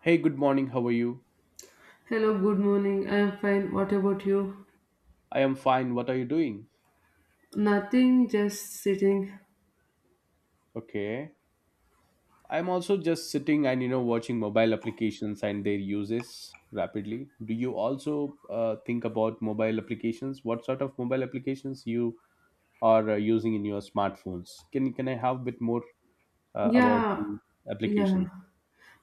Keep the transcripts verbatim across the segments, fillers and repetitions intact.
Hey, good morning. How are you? Hello, good morning. I'm fine. What about you? I am fine. What are you doing? Nothing, just sitting. Okay. I'm also just sitting and you know watching mobile applications and their uses rapidly. Do you also uh, think about mobile applications? What sort of mobile applications you are uh, using in your smartphones? Can can I have a bit more uh, about Yeah, the yeah. applications?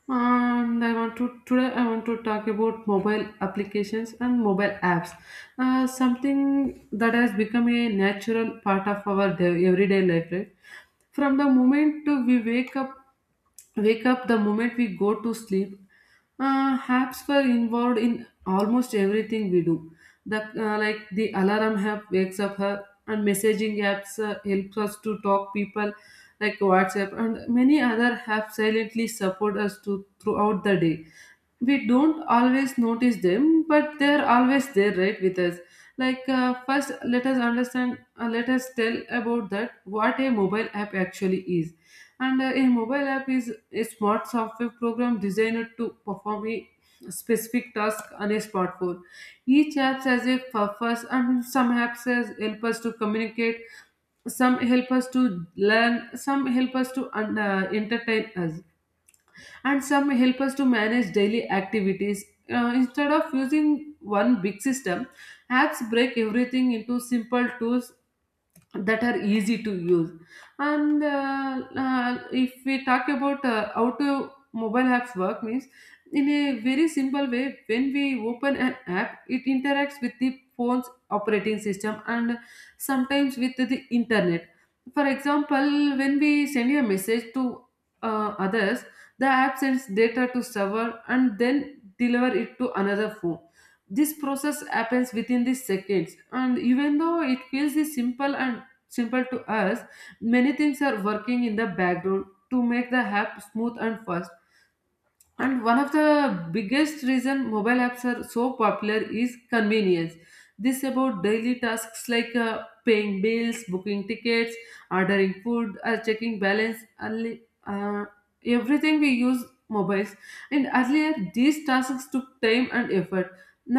And I want to today I want to talk about mobile applications and mobile apps. Uh, something that has become a natural part of our day, everyday life, right? From the moment we wake up wake up the moment we go to sleep, uh, apps were involved in almost everything we do, the uh, like the alarm app wakes up her, and messaging apps uh, helps us to talk people, like whatsapp, and many other apps silently support us to throughout the day. We don't always notice them, but they're always there right with us. Like, uh, first let us understand, uh, let us tell about that what a mobile app actually is. And uh, a mobile app is a smart software program designed to perform a specific task on a smartphone. Each app has a purpose, and some apps has help us to communicate, some help us to learn, some help us to uh, entertain us, and some help us to manage daily activities. Uh, instead of using one big system, apps break everything into simple tools that are easy to use. And uh, uh, if we talk about uh, how to mobile apps work means, in a very simple way, when we open an app, it interacts with the phone's operating system and sometimes with the internet. For example, when we send a message to uh, others, the app sends data to server and then deliver it to another phone. This process happens within the seconds, and even though it feels the simple and simple to us, many things are working in the background to make the app smooth and fast. And one of the biggest reason mobile apps are so popular is convenience. This about daily tasks like uh, paying bills, booking tickets, ordering food, or checking balance. early- Uh, Everything we use mobiles. And earlier these tasks took time and effort.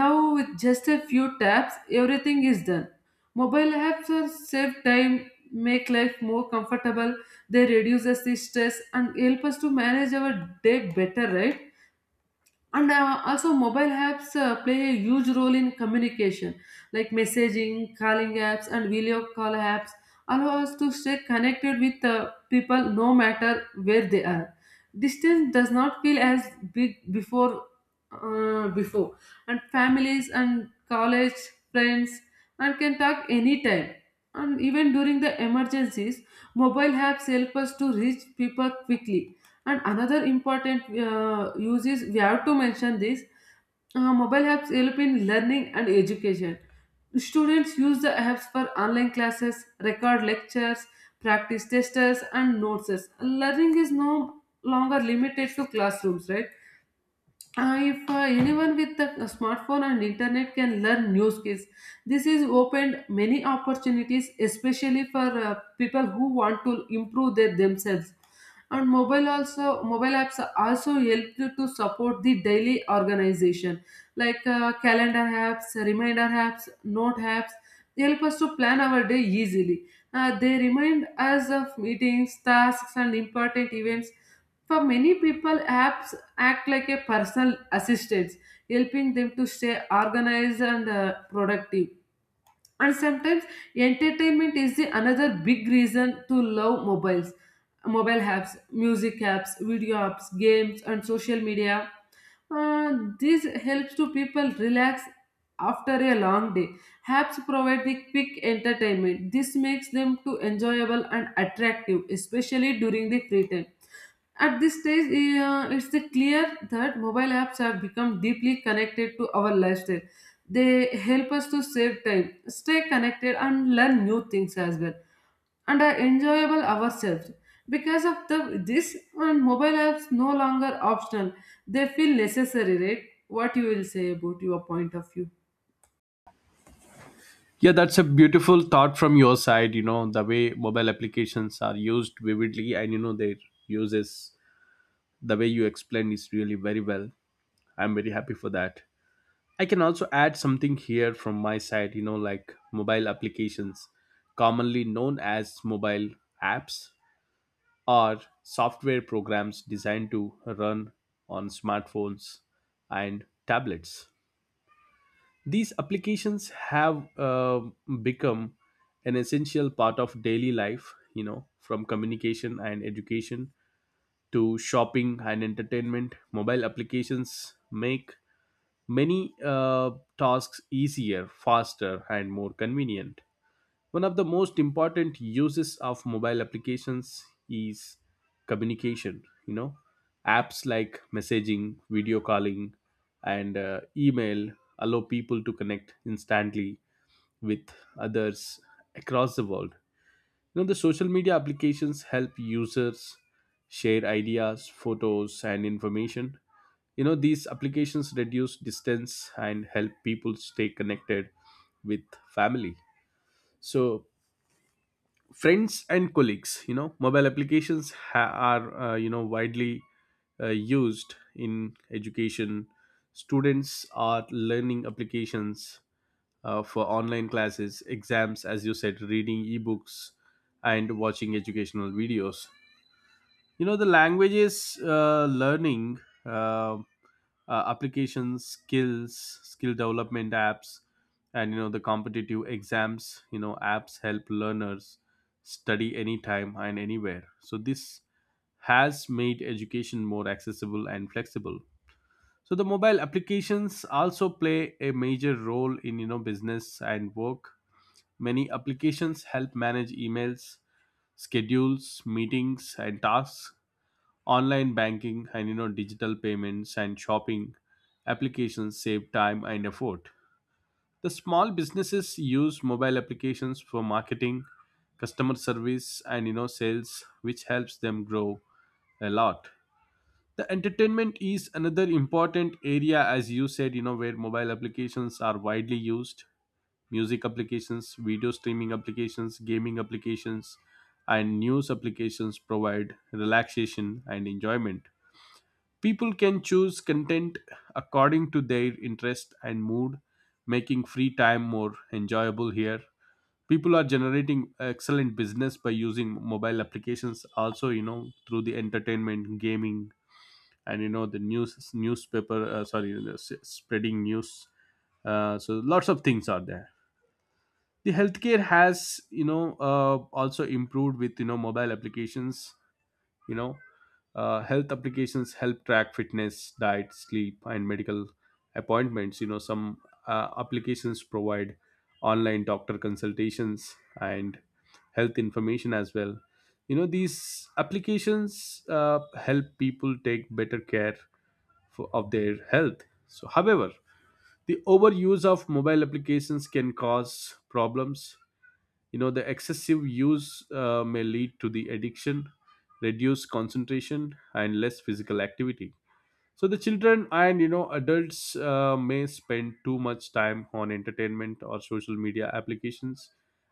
Now, with just a few taps, everything is done. Mobile apps are save time, make life more comfortable. They reduce us the stress and help us to manage our day better, right? and uh, also mobile apps uh, play a huge role in communication, like messaging calling apps and video call apps, allow us to stay connected with uh, people no matter where they are. Distance does not feel as big before, uh, before and families and college friends and can talk anytime, and even during the emergencies, mobile apps help us to reach people quickly. And another important uh, use is we have to mention this. Uh, mobile apps help in learning and education. Students use the apps for online classes, record lectures, practice testers, and notes. Learning is no longer limited to classrooms, right? Uh, if uh, anyone with a smartphone and internet can learn new skills, this has opened many opportunities, especially for uh, people who want to improve their themselves. And mobile also mobile apps also help you to support the daily organization, like uh, calendar apps, reminder apps, note apps. They help us to plan our day easily. Uh, they remind us of meetings, tasks, and important events. For many people, apps act like a personal assistants, helping them to stay organized and uh, productive. And sometimes entertainment is the another big reason to love mobiles, mobile apps, music apps, video apps, games, and social media. Uh, this helps to people relax after a long day. Apps provide the quick entertainment. This makes them to enjoyable and attractive, especially during the free time. At this stage, eh, uh, it's the clear that mobile apps have become deeply connected to our lifestyle. They help us to save time, stay connected, and learn new things as well, and are enjoyable ourselves. Because of the this and mobile apps no longer optional, they feel necessary, right? What you will say about your point of view? Yeah, that's a beautiful thought from your side. You know, the way mobile applications are used vividly and, you know, their uses, the way you explained is really very well. I'm very happy for that. I can also add something here from my side, you know, like mobile applications, commonly known as mobile apps, are software programs designed to run on smartphones and tablets. These applications have uh, become an essential part of daily life, you know, from communication and education to shopping and entertainment. Mobile applications make many uh, tasks easier, faster, and more convenient. One of the most important uses of mobile applications is communication. You know, apps like messaging, video calling, and uh, email allow people to connect instantly with others across the world. You know, the social media applications help users share ideas, photos, and information. You know, these applications reduce distance and help people stay connected with family. So, friends and colleagues, you know mobile applications ha- are uh, you know widely uh, used in education. Students are learning applications uh, for online classes, exams, as you said, reading ebooks and watching educational videos. You know the languages uh, learning uh, uh, applications, skills skill development apps, and you know the competitive exams you know apps help learners study anytime and anywhere. So this has made education more accessible and flexible. So the mobile applications also play a major role in you know business and work. Many applications help manage emails, schedules, meetings, and tasks. Online banking and you know digital payments and shopping applications save time and effort. The small businesses use mobile applications for marketing, customer service, and you know sales, which helps them grow a lot. The entertainment is another important area, as you said, you know where mobile applications are widely used. Music applications, video streaming applications, gaming applications, and news applications provide relaxation and enjoyment. People can choose content according to their interest and mood, making free time more enjoyable here. People are generating excellent business by using mobile applications also, you know, through the entertainment, gaming, and you know, the news, newspaper, uh, sorry, the s- spreading news. Uh, so lots of things are there. The healthcare has, you know, uh, also improved with, you know, mobile applications. You know uh, Health applications help track fitness, diet, sleep, and medical appointments. You know some uh, applications provide online doctor consultations and health information as well. You know these applications uh, help people take better care for, of their health. So, however, the overuse of mobile applications can cause problems. You know the excessive use uh, may lead to the addiction, reduced concentration, and less physical activity. So the children and you know adults uh, may spend too much time on entertainment or social media applications,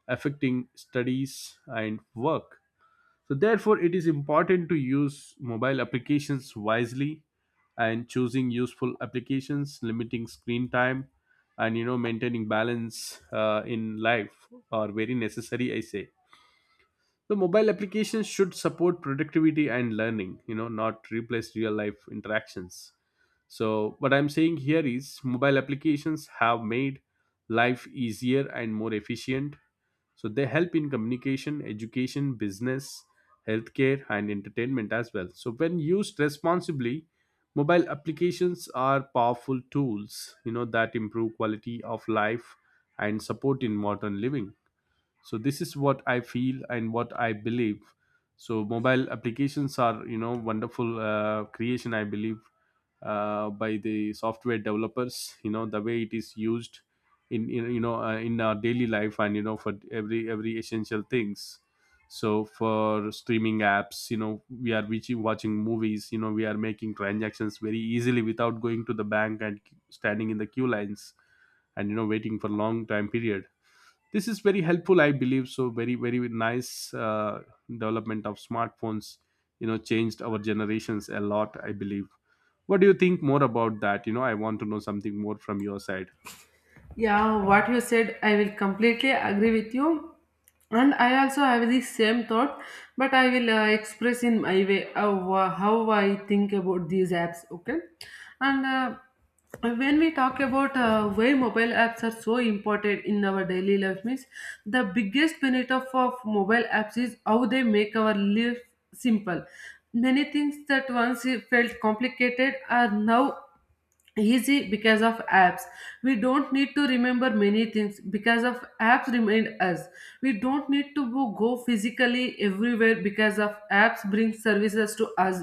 affecting studies and work. So therefore, it is important to use mobile applications wisely, and choosing useful applications, limiting screen time, and you know maintaining balance uh, in life are very necessary, I say. So mobile applications should support productivity and learning, You know, not replace real life interactions. So, what I'm saying here is mobile applications have made life easier and more efficient. So, they help in communication, education, business, healthcare, and entertainment as well. So, when used responsibly, mobile applications are powerful tools you know that improve quality of life and support in modern living. So this is what I feel and what I believe. So mobile applications are you know wonderful uh, creation, I believe, uh, by the software developers. You know the way it is used in, in you know uh, in our daily life and you know for every every essential things, so for streaming apps you know we are reaching, watching movies. You know we are making transactions very easily without going to the bank and standing in the queue lines and you know waiting for long time period. This is very helpful, I believe. So very very nice uh, development of smartphones you know changed our generations a lot, I believe. What do you think more about that? you know I want to know something more from your side. Yeah, what you said, I will completely agree with you. And I also have the same thought, but I will uh, express in my way how, uh, how I think about these apps, okay? And uh, when we talk about uh, why mobile apps are so important in our daily life, means the biggest benefit of, of mobile apps is how they make our life simple. Many things that once felt complicated are now easy because of apps. We don't need to remember many things because of apps remind us. We don't need to bo- go physically everywhere because of apps bring services to us.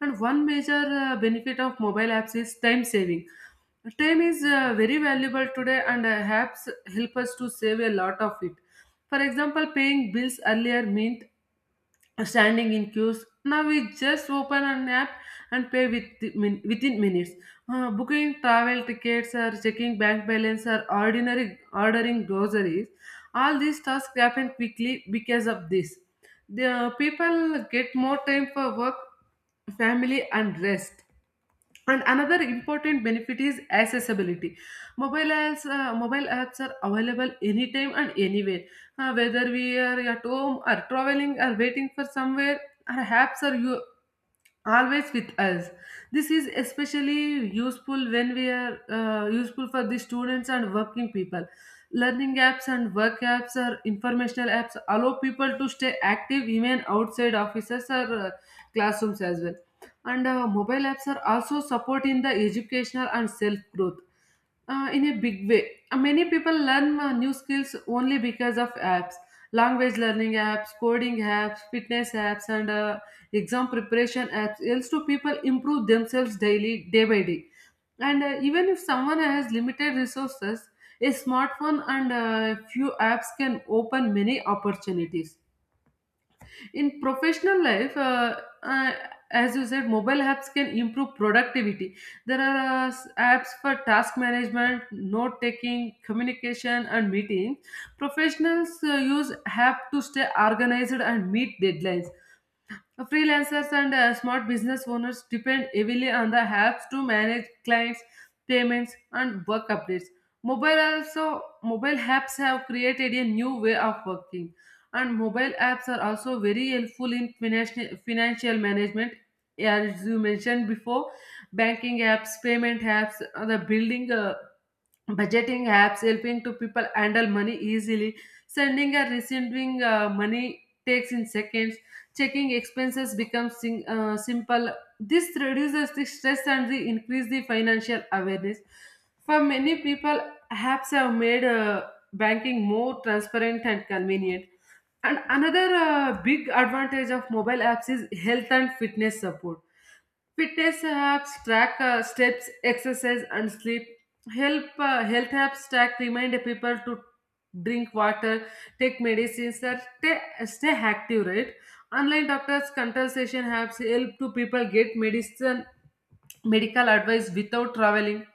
And one major uh, benefit of mobile apps is time saving. Time is uh, very valuable today, and uh, apps help us to save a lot of it. For example, paying bills earlier meant standing in queues. Now we just open an app and pay with min- within minutes. Uh, booking travel tickets, or checking bank balance, or ordinary ordering groceries, all these tasks happen quickly because of this. The uh, People get more time for work, family, and rest. And another important benefit is accessibility. Mobile apps, uh, mobile apps are available anytime and anywhere, uh, whether we are at home or traveling or waiting for somewhere, our apps are u- always with us. This is especially useful when we are uh, useful for the students and working people. Learning apps and work apps or informational apps allow people to stay active even outside offices or uh, classrooms as well. And uh, mobile apps are also supporting the educational and self growth uh, in a big way. Uh, Many people learn uh, new skills only because of apps, language learning apps, coding apps, fitness apps, and uh, exam preparation apps else to people improve themselves daily day by day. And uh, even if someone has limited resources, a smartphone and a few apps can open many opportunities in professional life. uh, uh, as you said, mobile apps can improve productivity. There are uh, s- apps for task management, note taking, communication, and meetings. Professionals uh, use app to stay organized and meet deadlines. uh, Freelancers and uh, smart business owners depend heavily on the apps to manage clients, payments, and work updates. Mobile also mobile apps have created a new way of working, and mobile apps are also very helpful in financial financial management. As you mentioned before, banking apps, payment apps, uh, the building uh, budgeting apps helping to people handle money easily. Sending and receiving uh, money takes in seconds. Checking expenses becomes sim- uh, simple. This reduces the stress and the increase the financial awareness. For many people, apps have made uh, banking more transparent and convenient. And another uh, big advantage of mobile apps is health and fitness support. Fitness apps track uh, steps, exercise, and sleep. Help uh, Health apps track remind people to drink water, take medicines, and stay, stay active. Right? Online doctors' consultation apps help to people get medicine medical advice without traveling.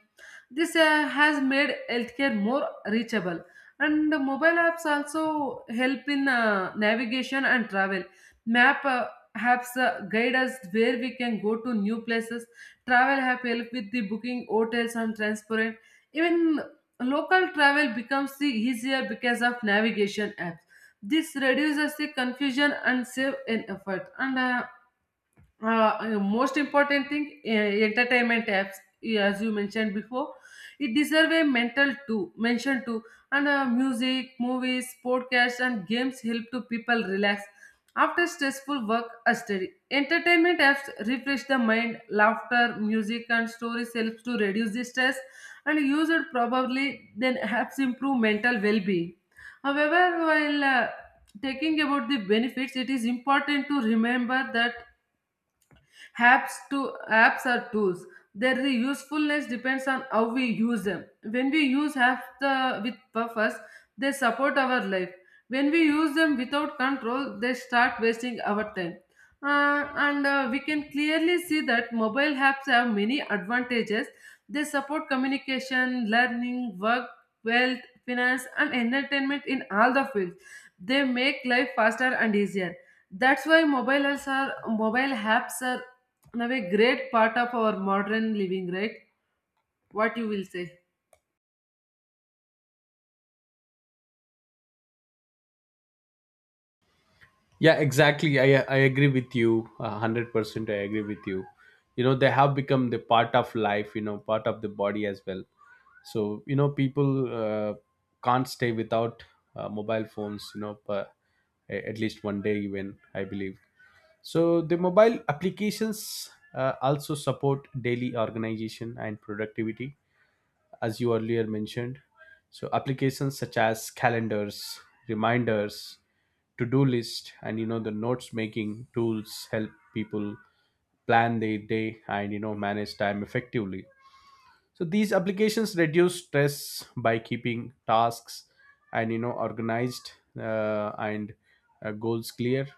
This uh, has made healthcare more reachable. And the mobile apps also help in uh, navigation and travel. Map uh, Apps uh, guide us where we can go to new places. Travel app help with the booking hotels and transport. Even local travel becomes the easier because of navigation apps. This reduces the confusion and save in effort. And uh, uh, uh, most important thing, uh, entertainment apps, eh, as you mentioned before, it deserve a mental too mention too. And uh, music, movies, podcasts, and games help to people relax after stressful work or study. Entertainment apps refresh the mind. Laughter, music, and stories helps to reduce the stress, and used probably then helps improve mental well-being. However, while uh, taking about the benefits, it is important to remember that Apps to apps are tools. Their usefulness depends on how we use them. When we use apps the, with purpose, they support our life. When we use them without control, they start wasting our time. Uh, and uh, We can clearly see that mobile apps have many advantages. They support communication, learning, work, wealth, finance, and entertainment in all the fields. They make life faster and easier. That's why mobile apps are mobile apps are in a great part of our modern living, right? What you will say? Yeah, exactly. I I agree with you. A hundred percent, I agree with you. You know, they have become the part of life, You know, part of the body as well. So you know, people uh, can't stay without uh, mobile phones. You know, per, a- at least one day even, I believe. So the mobile applications uh, also support daily organization and productivity, as you earlier mentioned. So applications such as calendars, reminders, to-do list, and you know the notes making tools help people plan their day and you know manage time effectively. So these applications reduce stress by keeping tasks and you know organized, uh, and uh, goals clear.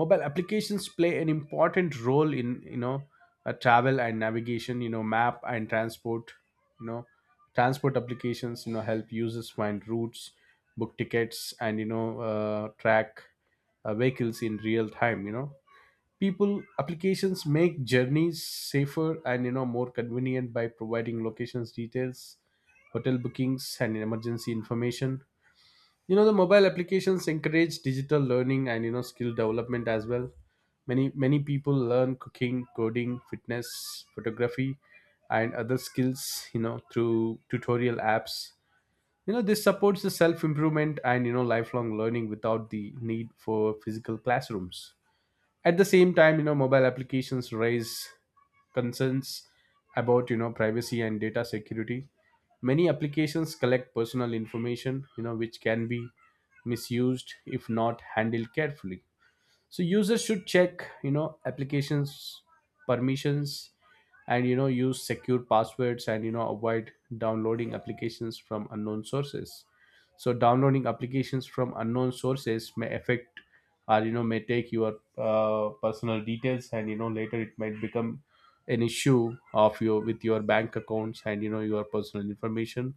Mobile applications play an important role in you know uh, travel and navigation. You know map and transport, you know transport applications, you know help users find routes, book tickets, and you know uh, track uh, vehicles in real time. You know people applications make journeys safer and you know more convenient by providing locations details, hotel bookings, and emergency information. You know the mobile applications encourage digital learning and you know skill development as well. Many many people learn cooking, coding, fitness, photography, and other skills you know through tutorial apps. You know this supports the self improvement and you know lifelong learning without the need for physical classrooms. At the same time, you know mobile applications raise concerns about you know privacy and data security. Many applications collect personal information, you know, which can be misused if not handled carefully. So users should check, you know, applications permissions and you know use secure passwords and you know avoid downloading applications from unknown sources. So downloading applications from unknown sources may affect or you know may take your uh, personal details, and you know later it might become an issue of your, with your bank accounts and you know your personal information.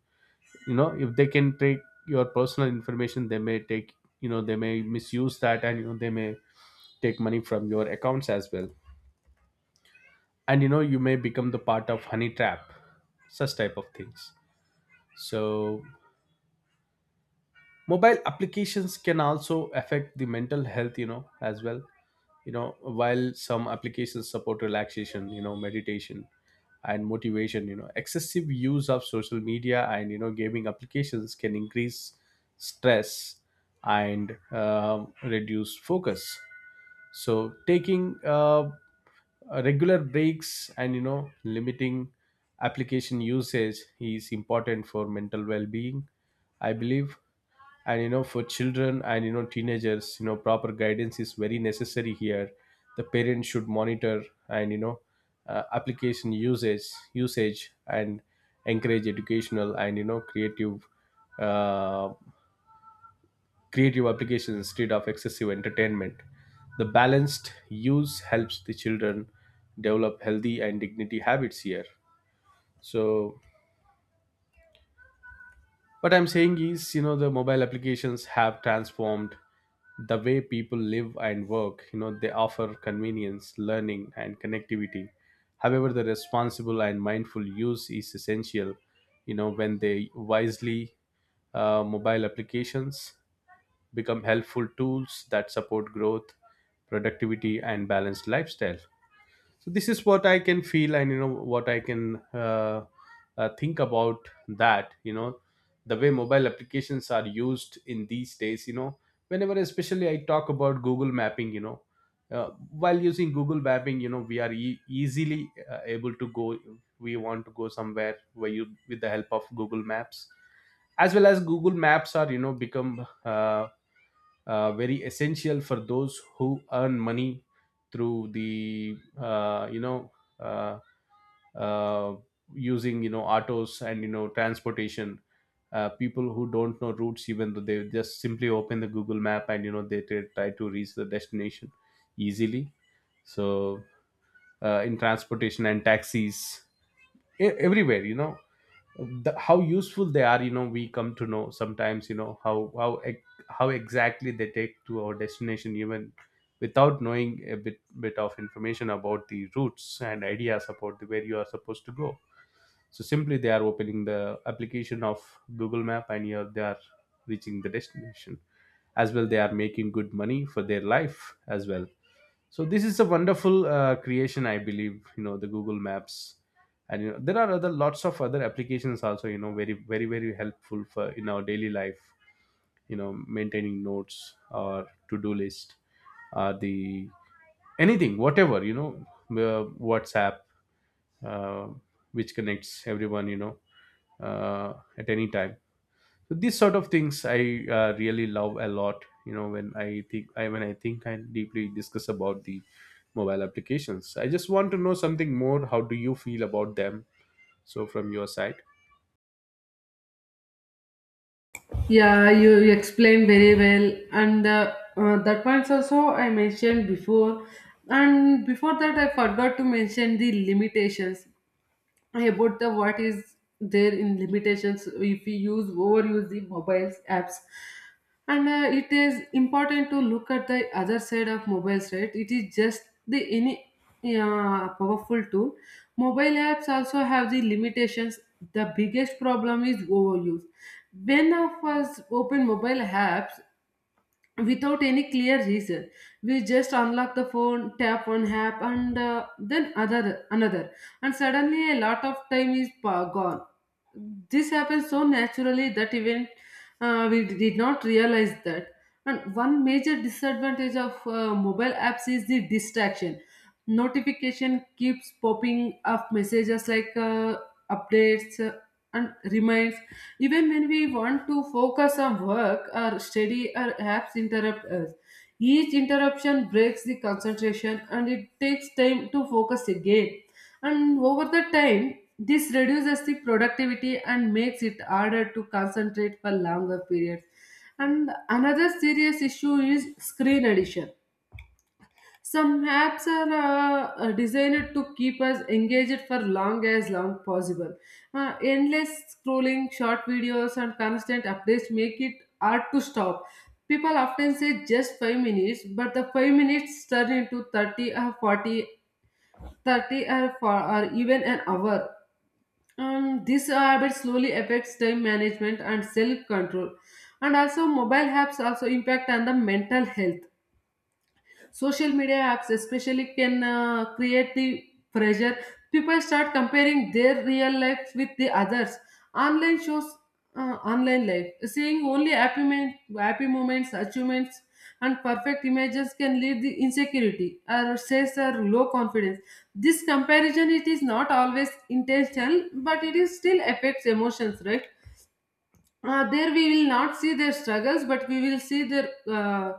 you know If they can take your personal information, they may take, you know they may misuse that, and you know they may take money from your accounts as well, and you know you may become the part of honey trap, such type of things. So mobile applications can also affect the mental health you know as well. You know while some applications support relaxation, you know meditation and motivation, you know excessive use of social media and you know gaming applications can increase stress and um reduce focus. So taking uh, regular breaks and you know limiting application usage is important for mental well-being, I believe. And you know for children and you know teenagers, you know proper guidance is very necessary here. The parents should monitor and you know uh, application usage usage, and encourage educational and you know creative uh, creative applications instead of excessive entertainment. The balanced use helps the children develop healthy and dignity habits here. So, what I'm saying is, you know, the mobile applications have transformed the way people live and work. You know, they offer convenience, learning, and connectivity. However, the responsible and mindful use is essential. You know, when they wisely uh, mobile applications become helpful tools that support growth, productivity, and balanced lifestyle. So this is what I can feel, and you know what I can uh, uh, think about. That you know The way mobile applications are used in these days, you know, whenever especially I talk about Google Mapping, you know, uh, while using Google Mapping, you know, we are e- easily uh, able to go. We want to go somewhere where you, with the help of Google Maps, as well as Google Maps are, you know, become uh, uh, very essential for those who earn money through the uh, you know, uh, uh, using, you know, autos and you know transportation. Uh, people who don't know routes, even though they just simply open the Google Map, and you know they t- try to reach the destination easily. So uh, in transportation and taxis, e- everywhere, you know, the, how useful they are, you know, we come to know sometimes, you know, how how ex- how exactly they take to our destination, even without knowing a bit bit of information about the routes and ideas about the, where you are supposed to go. So simply they are opening the application of Google Map, and you they are reaching the destination, as well they are making good money for their life as well. So this is a wonderful uh, creation, I believe, you know, the Google Maps. And you know there are other lots of other applications also, you know, very very very helpful for in our daily life. You know, maintaining notes or to-do list, uh, the anything whatever, you know, uh, WhatsApp, uh, which connects everyone, you know, uh, at any time. So these sort of things I uh, really love a lot, you know. When I think I when I think and deeply discuss about the mobile applications, I just want to know something more. How do you feel about them, so from your side? Yeah, you, you explained very well. And uh, uh, that points also I mentioned before, and before that I forgot to mention the limitations about the what is there in limitations if we use overuse the mobiles apps. And uh, it is important to look at the other side of mobiles, right? It is just the any uh, powerful tool. Mobile apps also have the limitations. The biggest problem is overuse. When of us open mobile apps without any clear reason, we just unlock the phone, tap one app and uh, then other another, and suddenly a lot of time is pa- gone. This happens so naturally that even uh, we did not realize that. And one major disadvantage of uh, mobile apps is the distraction. Notification keeps popping up messages like uh, updates uh, and reminds. Even when we want to focus on work or study, our apps interrupt us. Each interruption breaks the concentration and it takes time to focus again, and over the time, this reduces the productivity and makes it harder to concentrate for longer periods. And another serious issue is screen addiction. Some apps are uh, uh, designed to keep us engaged for long as long possible. Uh, endless scrolling, short videos, and constant updates make it hard to stop. People often say just five minutes, but the five minutes turn into thirty or forty, thirty, 30 or, four, or even an hour. Um, this habit slowly affects time management and self control, and also mobile apps also impact on the mental health. Social media apps especially can uh, create the pressure. People start comparing their real life with the others. Online shows, uh, online life. Seeing only happy, men- happy moments, achievements, and perfect images can lead the insecurity or stress or low confidence. This comparison, it is not always intentional, but it is still affects emotions, right? Uh, there we will not see their struggles, but we will see their uh,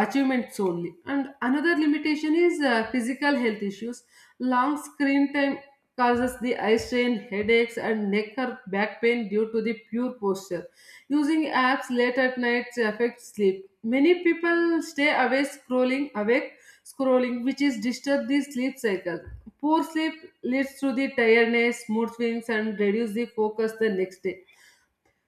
achievements only. And another limitation is uh, physical health issues. Long screen time causes the eye strain, headaches and neck or back pain due to the poor posture. Using apps late at night affects sleep. Many people stay awake scrolling awake scrolling, which is disturb the sleep cycle. Poor sleep leads to the tiredness, mood swings and reduce the focus the next day.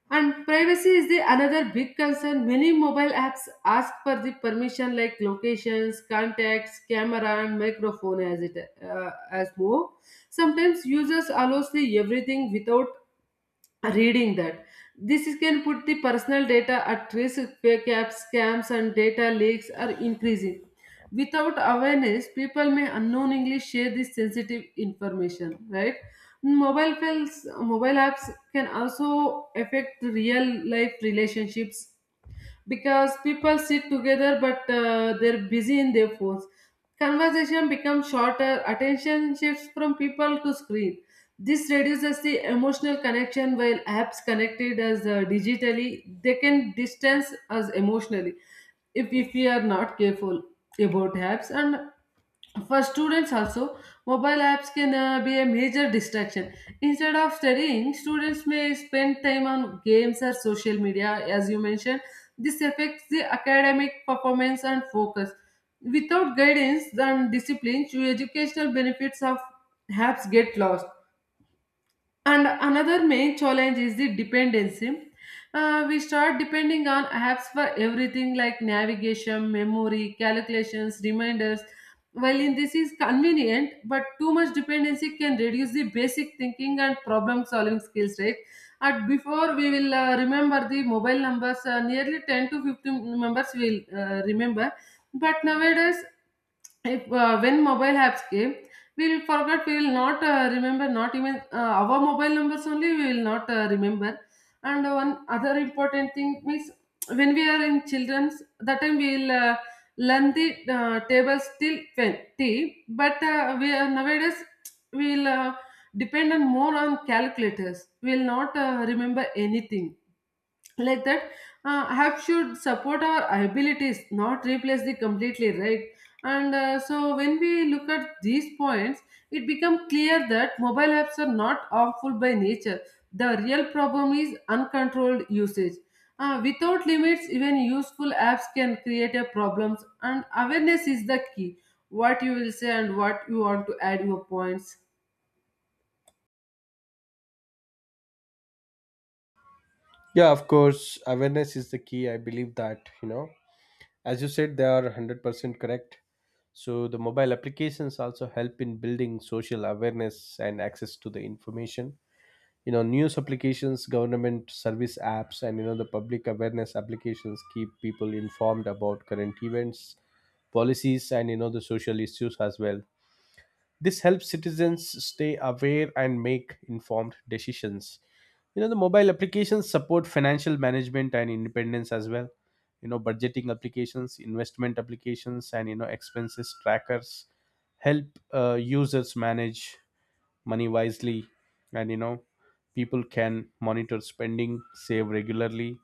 And privacy is the another big concern. Many mobile apps ask for the permission like locations, contacts, camera, and microphone as it, uh, as more. Sometimes users allows the everything without reading that. This is can put the personal data at risk. Fake apps, scams and data leaks are increasing. Without awareness, people may unknowingly share this sensitive information, right? mobile files mobile apps can also affect real life relationships, because people sit together but uh, they're busy in their phones. Conversation becomes shorter, attention shifts from people to screen. This reduces the emotional connection. While apps connected as uh, digitally, they can distance us emotionally if, if we are not careful about apps. And for students also, mobile apps can uh, be a major distraction. Instead of studying, students may spend time on games or social media, as you mentioned. This affects the academic performance and focus. Without guidance and discipline, your educational benefits of apps get lost. And another main challenge is the dependency. Uh, we start depending on apps for everything like navigation, memory, calculations, reminders. While in this is convenient, but too much dependency can reduce the basic thinking and problem solving skills, right? And before we will uh, remember the mobile numbers, uh, nearly ten to fifteen numbers we will uh, remember. But nowadays, if uh, when mobile apps came, we will forget. We will not uh, remember not even uh, our mobile numbers only, we will not uh, remember. And one other important thing means, when we are in children's, that time we will uh, learn the uh, tables till twenty, but uh, we are nowadays we will uh, depend on more on calculators. We will not uh, remember anything like that. Uh, app should support our abilities, not replace the completely, right? And uh, so when we look at these points, it becomes clear that mobile apps are not harmful by nature. The real problem is uncontrolled usage. Uh, without limits, even useful apps can create a problems, and awareness is the key. What you will say and what you want to add your points? Yeah, of course, awareness is the key. I believe that, you know, as you said, they are one hundred percent correct. So the mobile applications also help in building social awareness and access to the information. You know, news applications, government service apps, and you know the public awareness applications keep people informed about current events, policies, and you know the social issues as well. This helps citizens stay aware and make informed decisions. You know, the mobile applications support financial management and independence as well. You know, budgeting applications, investment applications, and you know expenses trackers help uh, users manage money wisely. And you know people can monitor spending, save regularly,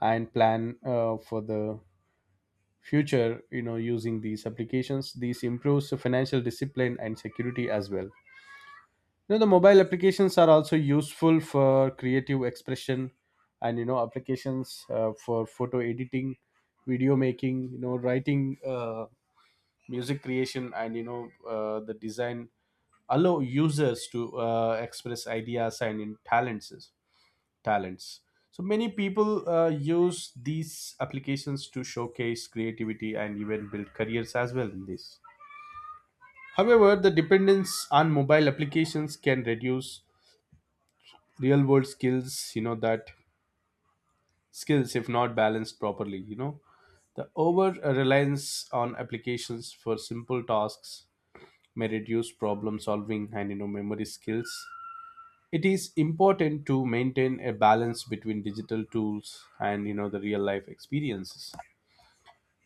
and plan uh, for the future, you know, using these applications. These improves the financial discipline and security as well. You know, the mobile applications are also useful for creative expression. And you know applications uh, for photo editing, video making, you know, writing, uh, music creation, and you know uh, the design allow users to uh, express ideas and in talents, talents. So many people uh, use these applications to showcase creativity and even build careers as well in this. However, the dependence on mobile applications can reduce real world skills, you know, that skills if not balanced properly, you know, the over reliance on applications for simple tasks may reduce problem solving and you know memory skills. It is important to maintain a balance between digital tools and you know the real life experiences.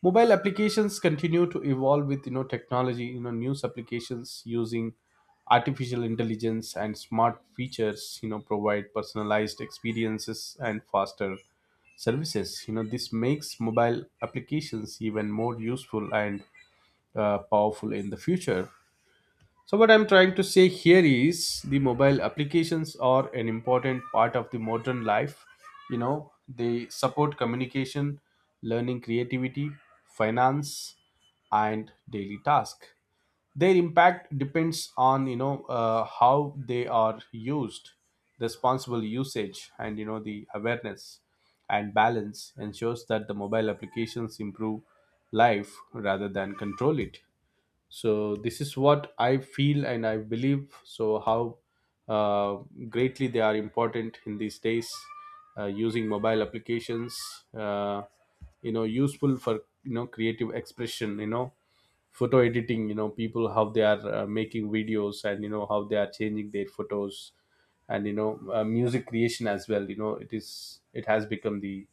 Mobile applications continue to evolve with you know technology. You know, news applications using artificial intelligence and smart features, you know, provide personalized experiences and faster services. You know, this makes mobile applications even more useful and uh, powerful in the future. So, what I'm trying to say here is the mobile applications are an important part of the modern life. You know, they support communication, learning, creativity, finance, and daily task. Their impact depends on you know uh, how they are used, responsible usage, and you know the awareness and balance ensures that the mobile applications improve life rather than control it. So this is what I feel, and I believe so how uh, greatly they are important in these days. Uh, using mobile applications, uh, you know, useful for, you know, creative expression, you know, photo editing, you know, people how they are uh, making videos and you know how they are changing their photos, and you know uh, music creation as well, you know, it is it has become the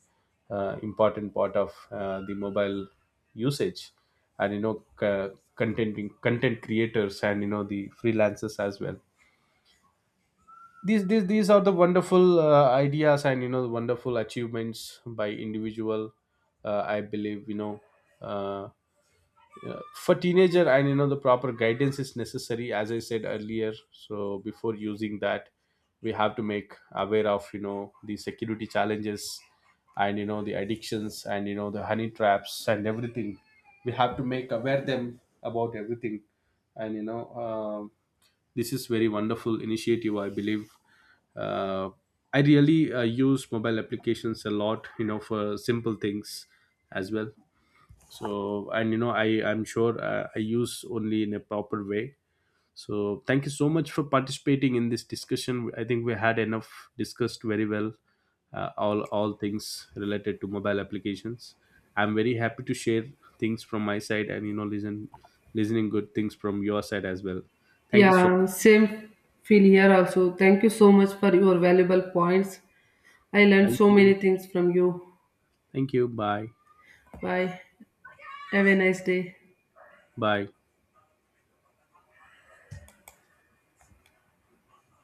uh, important part of uh, the mobile usage. And you know c- contenting content creators and you know the freelancers as well. These these these are the wonderful uh, ideas and you know the wonderful achievements by individual, uh, I believe, you know. uh, for teenager and you know the proper guidance is necessary, as I said earlier. So before using that, we have to make aware of you know the security challenges and you know the addictions and you know the honey traps and everything. We have to make aware them about everything. And you know um this is very wonderful initiative, I believe. uh, I really uh, use mobile applications a lot, you know, for simple things as well. So and you know i i'm sure uh, I use only in a proper way. So thank you so much for participating in this discussion. I think we had enough discussed very well, uh, all all things related to mobile applications. I'm very happy to share things from my side and you know listen listening good things from your side as well. Thank you so much. Yeah, same feel here also. Thank you so much for your valuable points. I learned Thank so many you. things from you. Thank you. Bye. Bye. Have a nice day. Bye.